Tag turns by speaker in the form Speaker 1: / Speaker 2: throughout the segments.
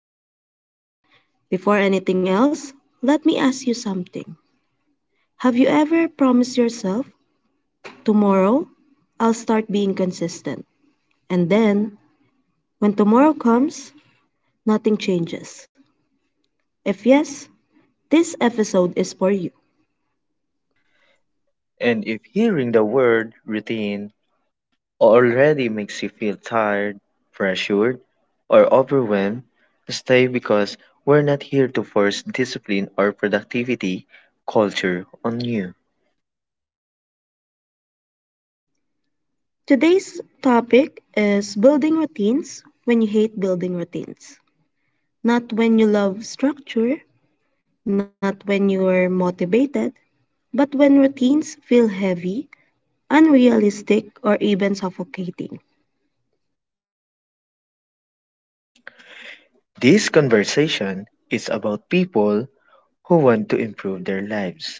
Speaker 1: podcast episode. Before anything else, let me ask you something. Have you ever promised yourself, tomorrow, I'll start being consistent? And then, when tomorrow comes, nothing changes. If yes, this episode is for you.
Speaker 2: And if hearing the word routine already makes you feel tired, pressured, or overwhelmed, stay, because we're not here to force discipline or productivity culture on you.
Speaker 1: Today's topic is building routines when you hate building routines. Not when you love structure, not when you are motivated, but when routines feel heavy unrealistic, or even suffocating.
Speaker 2: This conversation is about people who want to improve their lives,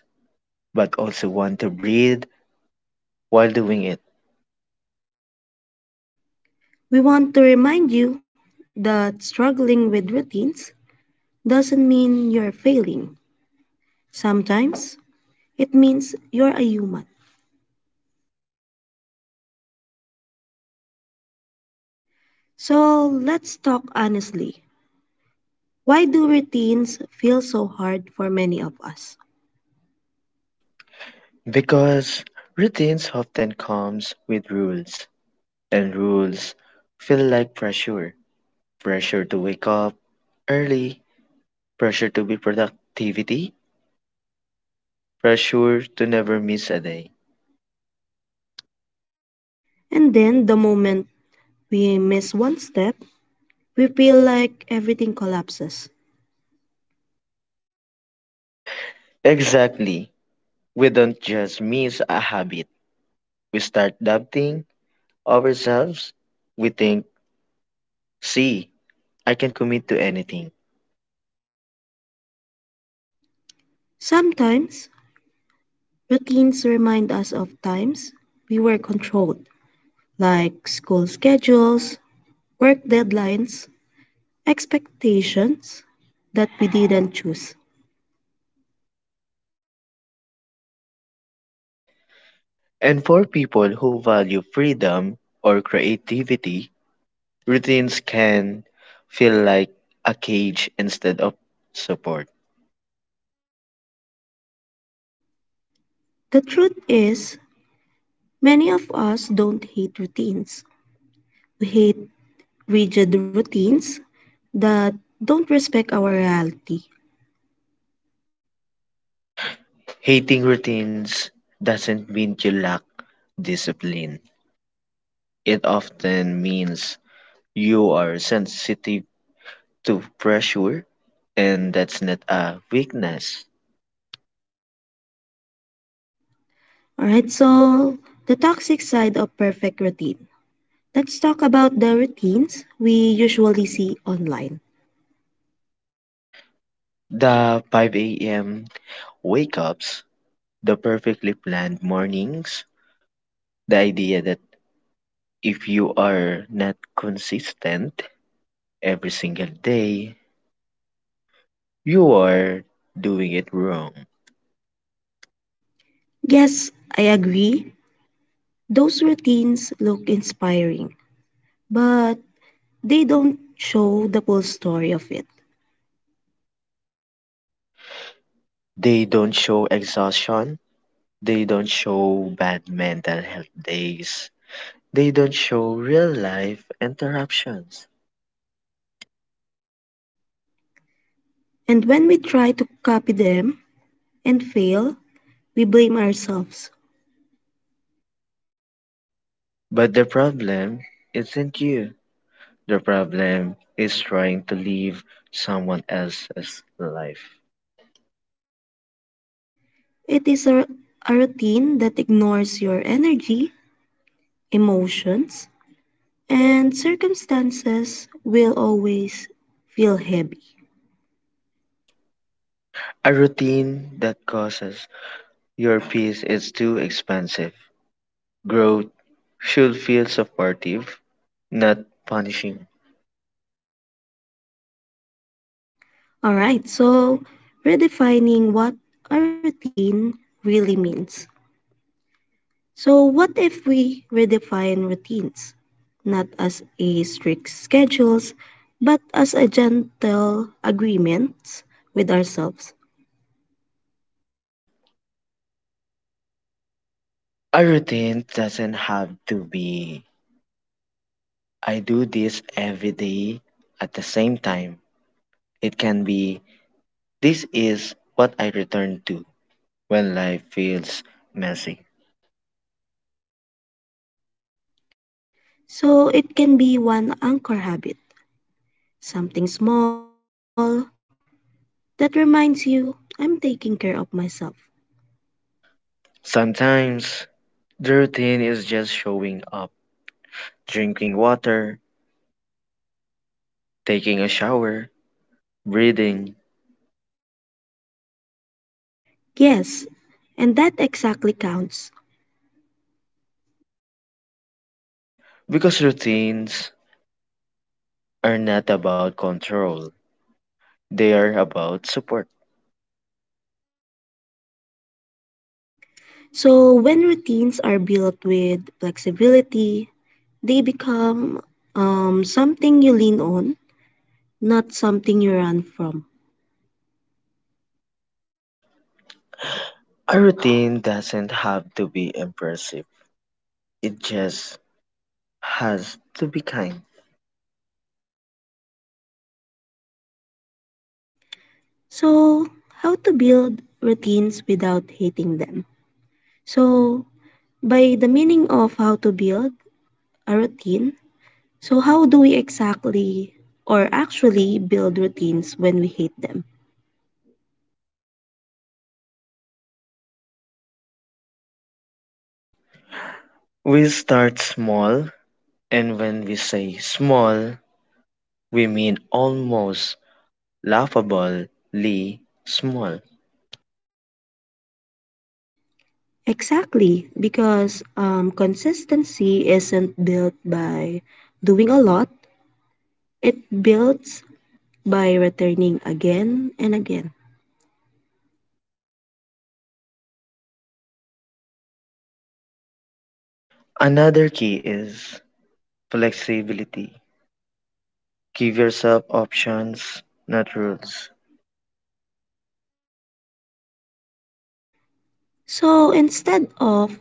Speaker 2: but also want to breathe while doing it.
Speaker 1: We want to remind you that struggling with routines doesn't mean you're failing. Sometimes it means you're a human. So let's talk honestly. Why do routines feel so hard for many of us?
Speaker 2: Because routines often comes with rules, and rules feel like pressure, pressure to wake up early, pressure to be productivity, pressure to never miss a day.
Speaker 1: And then the moment we miss one step, we feel like everything collapses.
Speaker 2: Exactly. We don't just miss a habit, we start doubting ourselves. We think, see, I can commit to anything.
Speaker 1: Sometimes routines remind us of times we were controlled like school schedules, work deadlines, expectations that we didn't choose.
Speaker 2: And for people who value freedom or creativity, routines can feel like a cage instead of support.
Speaker 1: The truth is, many of us don't hate routines. We hate rigid routines that don't respect our reality.
Speaker 2: Hating routines doesn't mean you lack discipline. It often means you are sensitive to pressure, and that's not a weakness.
Speaker 1: Alright, so the toxic side of perfect routine. Let's talk about the routines we usually see online.
Speaker 2: The 5 a.m. wake ups, the perfectly planned mornings, the idea that if you are not consistent every single day, you are doing it wrong.
Speaker 1: Yes, I agree, those routines look inspiring, but they don't show the full story of it.
Speaker 2: They don't show exhaustion, they don't show bad mental health days, they don't show real life interruptions.
Speaker 1: And when we try to copy them and fail, we blame ourselves.
Speaker 2: But the problem isn't you. The problem is trying to live someone else's life.
Speaker 1: It is a routine that ignores your energy, emotions, and circumstances will always feel heavy.
Speaker 2: A routine that causes your peace is too expensive. Growth should feel supportive, not punishing.
Speaker 1: All right, so redefining what a routine really means. So, what if we redefine routines, not as a strict schedules, but as a gentle agreement with ourselves?
Speaker 2: A routine doesn't have to be, I do this every day at the same time. It can be, this is what I return to when life feels messy.
Speaker 1: So, it can be one anchor habit, something small that reminds you, I'm taking care of myself.
Speaker 2: Sometimes the routine is just showing up, drinking water, taking a shower, breathing.
Speaker 1: Yes, and that exactly counts.
Speaker 2: Because routines are not about control, they are about support.
Speaker 1: So, when routines are built with flexibility, they become something you lean on, not something you run from.
Speaker 2: A routine doesn't have to be impressive, it just has to be kind.
Speaker 1: So, how to build routines without hating them? So, by the meaning of how to build a routine, so how do we exactly or actually build routines when we hate them?
Speaker 2: We start small, and when we say small, we mean almost laughably small.
Speaker 1: Exactly, because consistency isn't built by doing a lot, it builds by returning again and again.
Speaker 2: Another key is flexibility. Give yourself options, not rules.
Speaker 1: So, instead of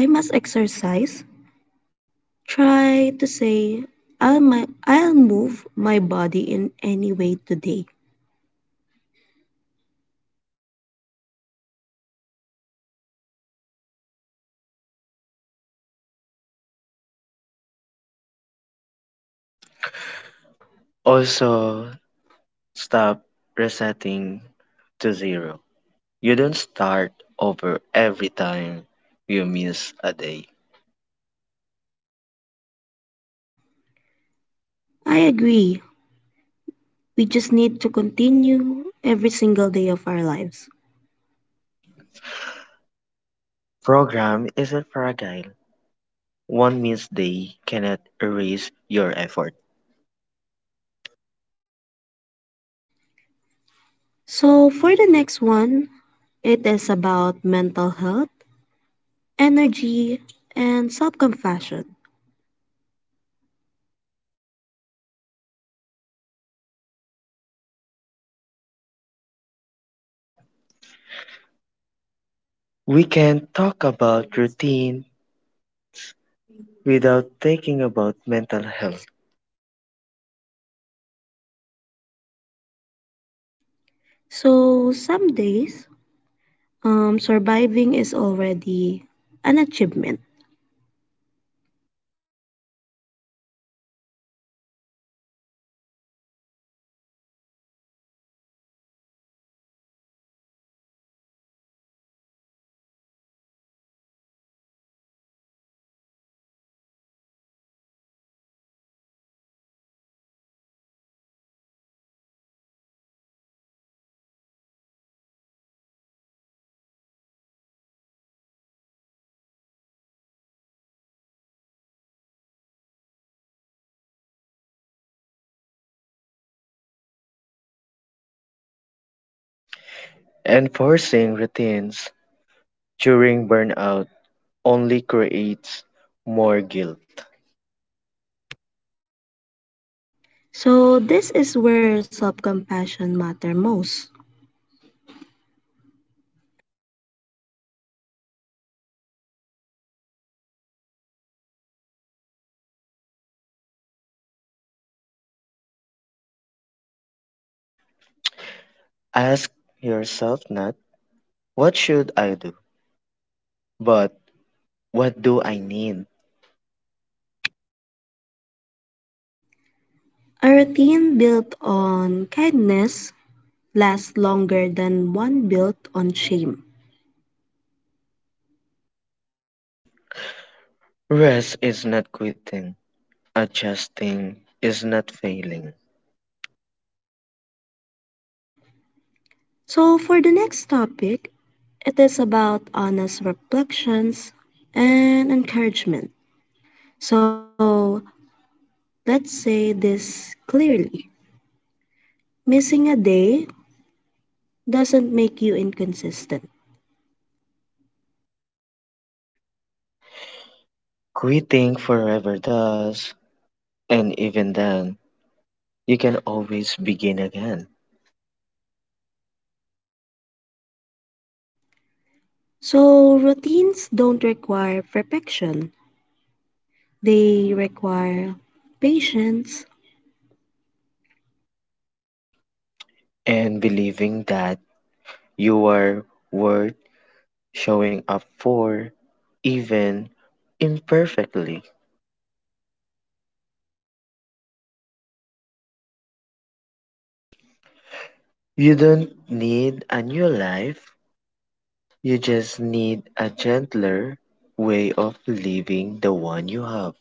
Speaker 1: I must exercise, try to say, I'll move my body in any way today.
Speaker 2: Also, stop resetting to zero. You don't start over every time you miss a day.
Speaker 1: I agree. We just need to continue every single day of our lives.
Speaker 2: Program isn't fragile. One missed day cannot erase your effort.
Speaker 1: So, for the next one, it is about mental health, energy, and self compassion.
Speaker 2: We can talk about routine without thinking about mental health.
Speaker 1: So, some days, surviving is already an achievement.
Speaker 2: Enforcing routines during burnout only creates more guilt.
Speaker 1: So, this is where self compassion matter most.
Speaker 2: Ask yourself not, what should I do, but what do I need?
Speaker 1: A routine built on kindness last longer than one built on shame.
Speaker 2: Rest is not quitting. Adjusting is not failing.
Speaker 1: So, for the next topic, it is about honest reflections and encouragement. So, let's say this clearly missing a day doesn't make you inconsistent.
Speaker 2: Quitting forever does. And even then, you can always begin again.
Speaker 1: So, routines don't require perfection, they require patience.
Speaker 2: And believing that you are worth showing up for, even imperfectly. You don't need a new life. You just need a gentler way of living the one you have.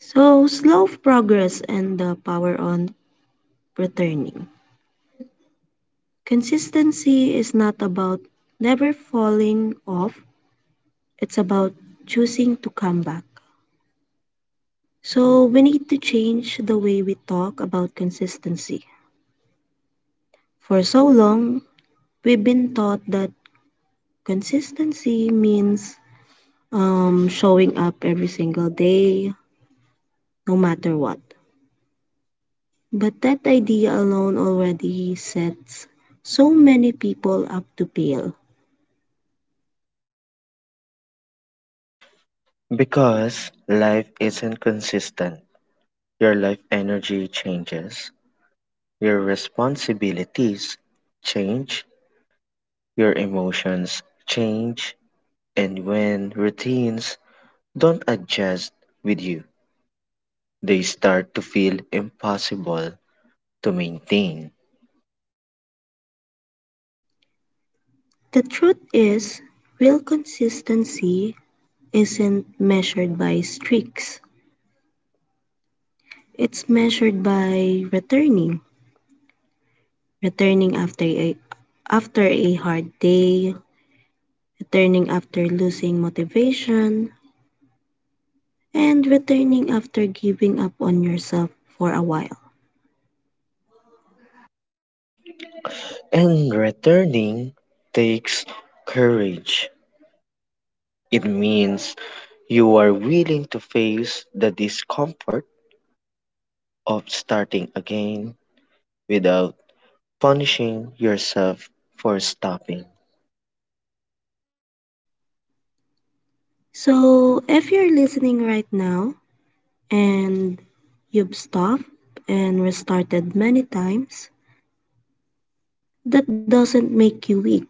Speaker 1: So, slow progress and the power on returning. Consistency is not about never falling off, it's about choosing to come back. So, we need to change the way we talk about consistency. For so long, we've been taught that consistency means showing up every single day, no matter what. But that idea alone already sets so many people up to fail.
Speaker 2: Because life isn't consistent. Your life energy changes, your responsibilities change, your emotions change, and when routines don't adjust with you, they start to feel impossible to maintain.
Speaker 1: The truth is, real consistency isn't measured by streaks. It's measured by returning. Returning after a hard day, returning after losing motivation, and returning after giving up on yourself for a while.
Speaker 2: And returning takes courage. It means you are willing to face the discomfort of starting again without punishing yourself for stopping.
Speaker 1: So, if you're listening right now and you've stopped and restarted many times, that doesn't make you weak.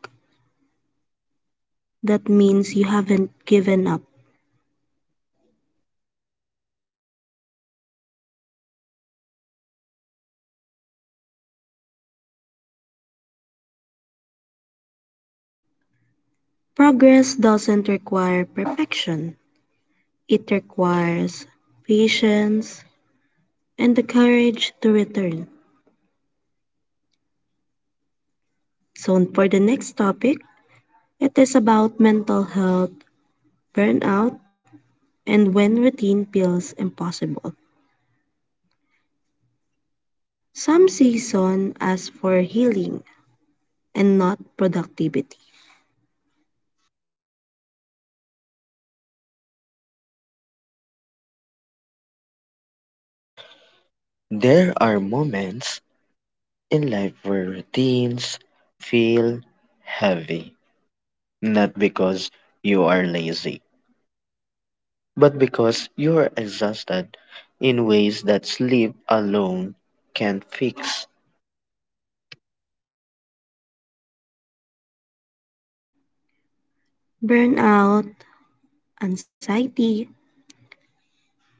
Speaker 1: That means you haven't given up. Progress doesn't require perfection. It requires patience and the courage to return. So, for the next topic, it is about mental health, burnout, and when routine feels impossible. Some season ask for healing and not productivity.
Speaker 2: There are moments in life where routines feel heavy, not because you are lazy, but because you are exhausted in ways that sleep alone can't fix.
Speaker 1: Burnout, anxiety,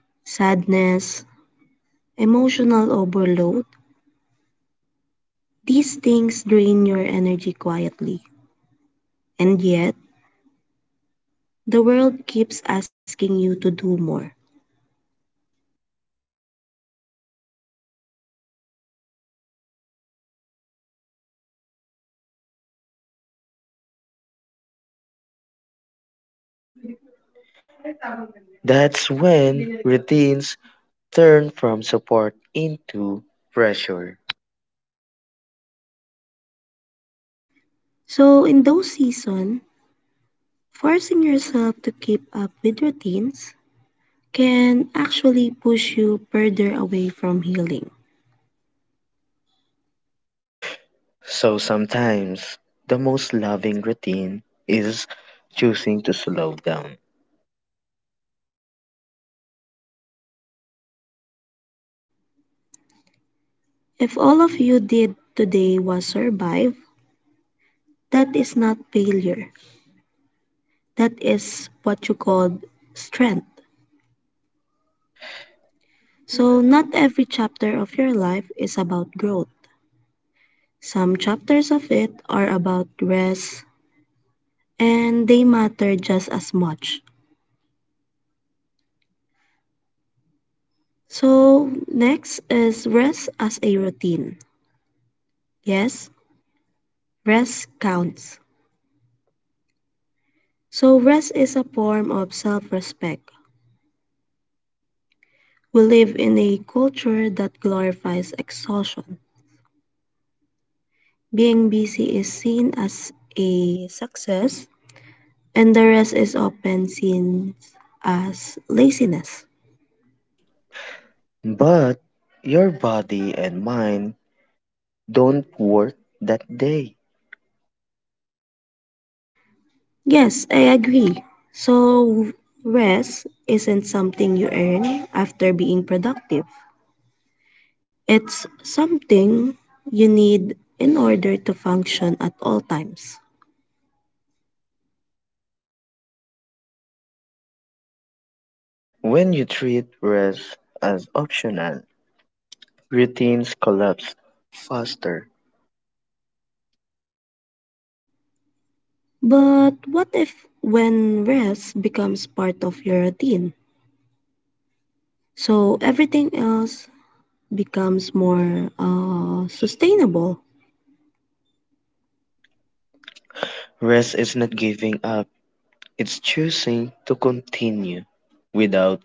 Speaker 1: sadness, emotional overload, these things drain your energy quietly. And yet, the world keeps asking you to do more.
Speaker 2: That's when routines turn from support into pressure.
Speaker 1: So in those seasons, forcing yourself to keep up with routines can actually push you further away from healing.
Speaker 2: So sometimes the most loving routine is choosing to slow down,
Speaker 1: If all of you did today was survive, that is not failure. That is what you call strength. So not every chapter of your life is about growth. Some chapters of it are about rest and they matter just as much. So next is rest as a routine. Yes, rest counts. So, rest is a form of self respect. We live in a culture that glorifies exhaustion. Being busy is seen as a success, and the rest is often seen as laziness.
Speaker 2: but your body and mind don't work that day.
Speaker 1: Yes, I agree. So, rest isn't something you earn after being productive, it's something you need in order to function at all times.
Speaker 2: When you treat rest as optional, routines collapse faster.
Speaker 1: But what if when rest becomes part of your routine? So everything else becomes more sustainable.
Speaker 2: Rest is not giving up, it's choosing to continue without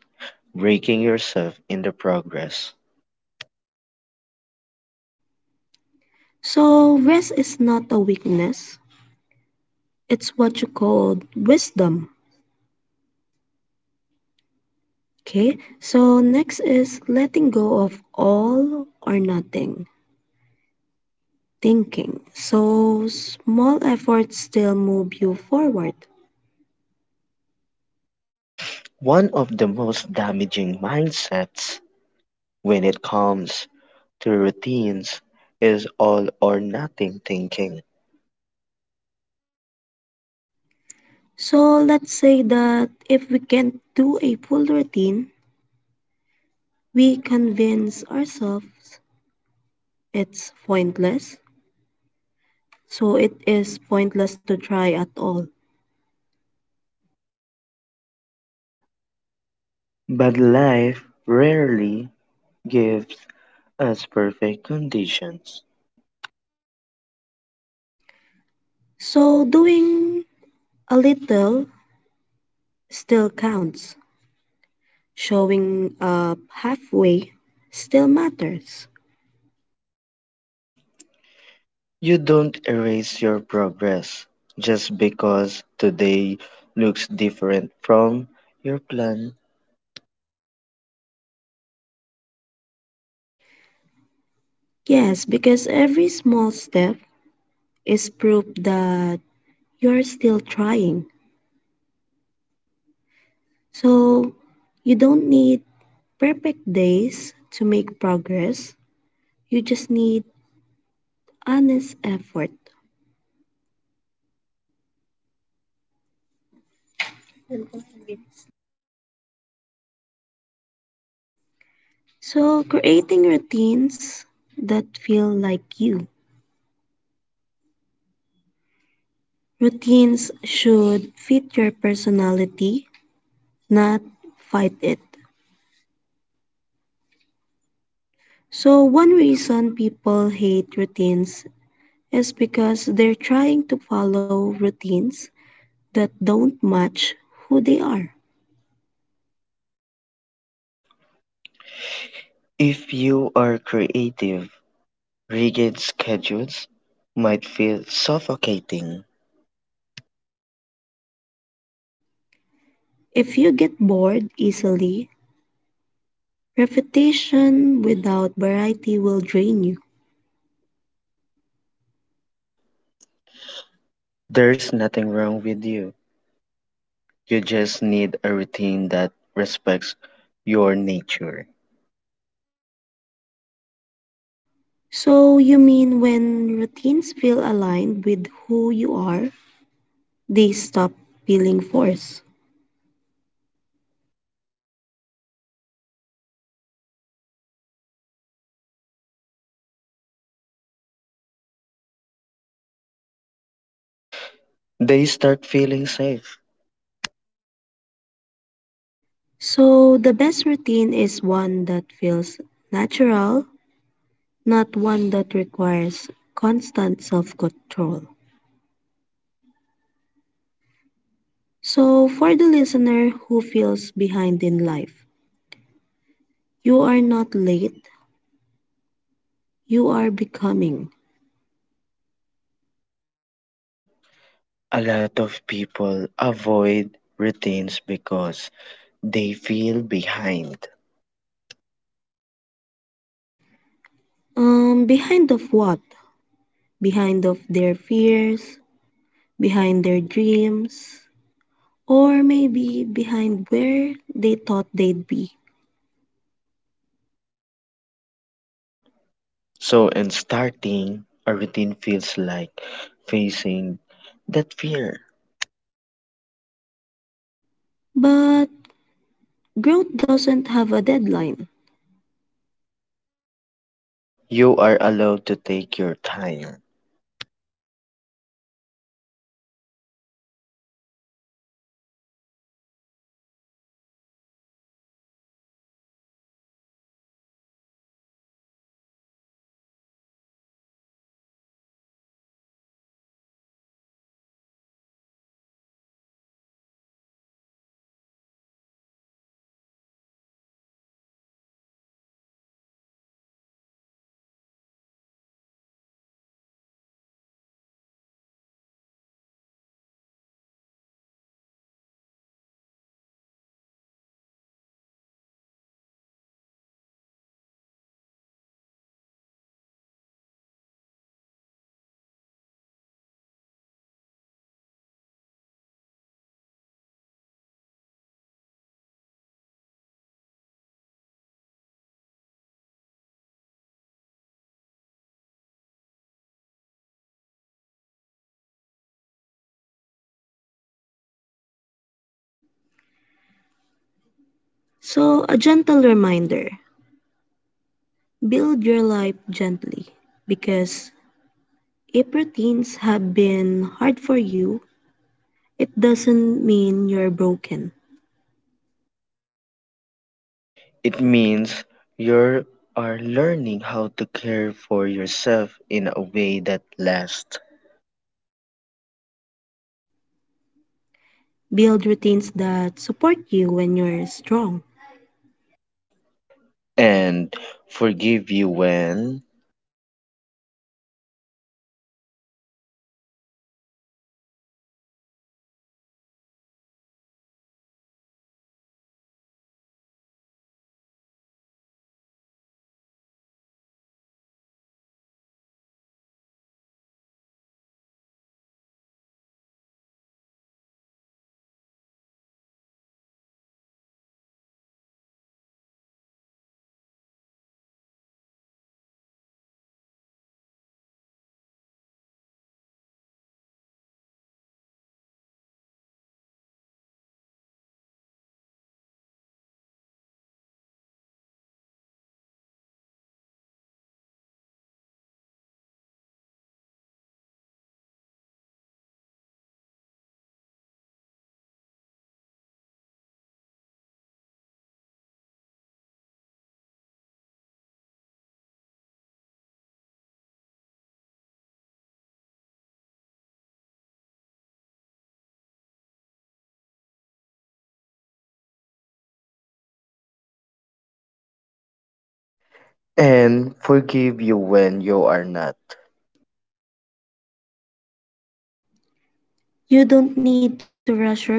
Speaker 2: breaking yourself in the progress.
Speaker 1: So rest is not a weakness, it's what you call wisdom. Okay, so next is letting go of all or nothing thinking. So small efforts still move you forward.
Speaker 2: One of the most damaging mindsets when it comes to routines is all or nothing thinking.
Speaker 1: So let's say that if we can't do a full routine, we convince ourselves it's pointless, so it is pointless to try at all.
Speaker 2: But life rarely gives us perfect conditions.
Speaker 1: So doing a little still counts. Showing up halfway still matters.
Speaker 2: You don't erase your progress just because today looks different from your plan.
Speaker 1: Yes, because every small step is proof that you're still trying. So you don't need perfect days to make progress. You just need honest effort. So, creating routines that feel like you. Routines should fit your personality, not fight it. So, one reason people hate routines is because they're trying to follow routines that don't match who they are.
Speaker 2: If you are creative, rigid schedules might feel suffocating.
Speaker 1: If you get bored easily, repetition without variety will drain you.
Speaker 2: There's nothing wrong with you, you just need a routine that respects your nature.
Speaker 1: So, you mean when routines feel aligned with who you are, they stop feeling forced.
Speaker 2: They start feeling safe.
Speaker 1: So the best routine is one that feels natural, not one that requires constant self control. So for the listener who feels behind in life, you are not late, you are becoming.
Speaker 2: A lot of people avoid routines because they feel behind.
Speaker 1: Behind of what? Behind of their fears, behind their dreams, or maybe behind where they thought they'd be.
Speaker 2: So, in starting, a routine feels like facing that fear.
Speaker 1: But growth doesn't have a deadline.
Speaker 2: You are allowed to take your time.
Speaker 1: Your journey is unfolding at the pace it needs to. You are not behind, you are exactly where growth begins. So, a gentle reminder build your life gently because if routines have been hard for you, it doesn't mean you're broken.
Speaker 2: It means you are learning how to care for yourself in a way that lasts.
Speaker 1: Build routines that support you when you're strong.
Speaker 2: and forgive you when and forgive you when you are not.
Speaker 1: You don't need to rush your growth.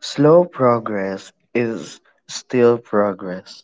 Speaker 2: Slow progress is still progress.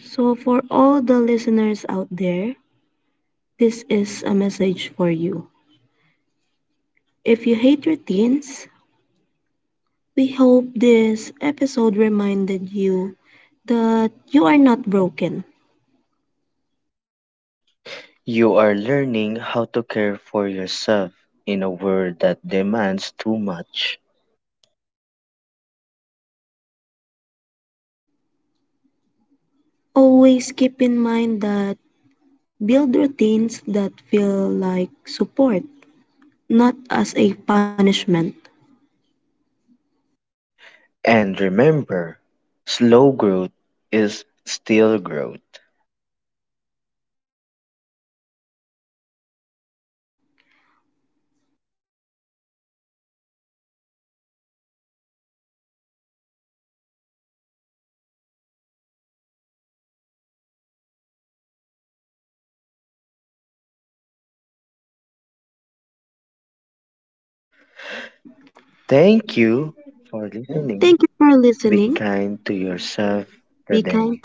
Speaker 1: So, for all the listeners out there, this is a message for you. If you hate routines, we hope this episode reminded you that you are not broken.
Speaker 2: You are learning how to care for yourself in a world that demands too much.
Speaker 1: Always keep in mind that build routines that feel like support, not as a punishment.
Speaker 2: And remember, slow growth is still growth. Thank you
Speaker 1: Thank you for
Speaker 2: for
Speaker 1: listening.
Speaker 2: listening. Be kind to
Speaker 1: Be kind
Speaker 2: yourself
Speaker 1: to yourself
Speaker 2: today.
Speaker 1: today.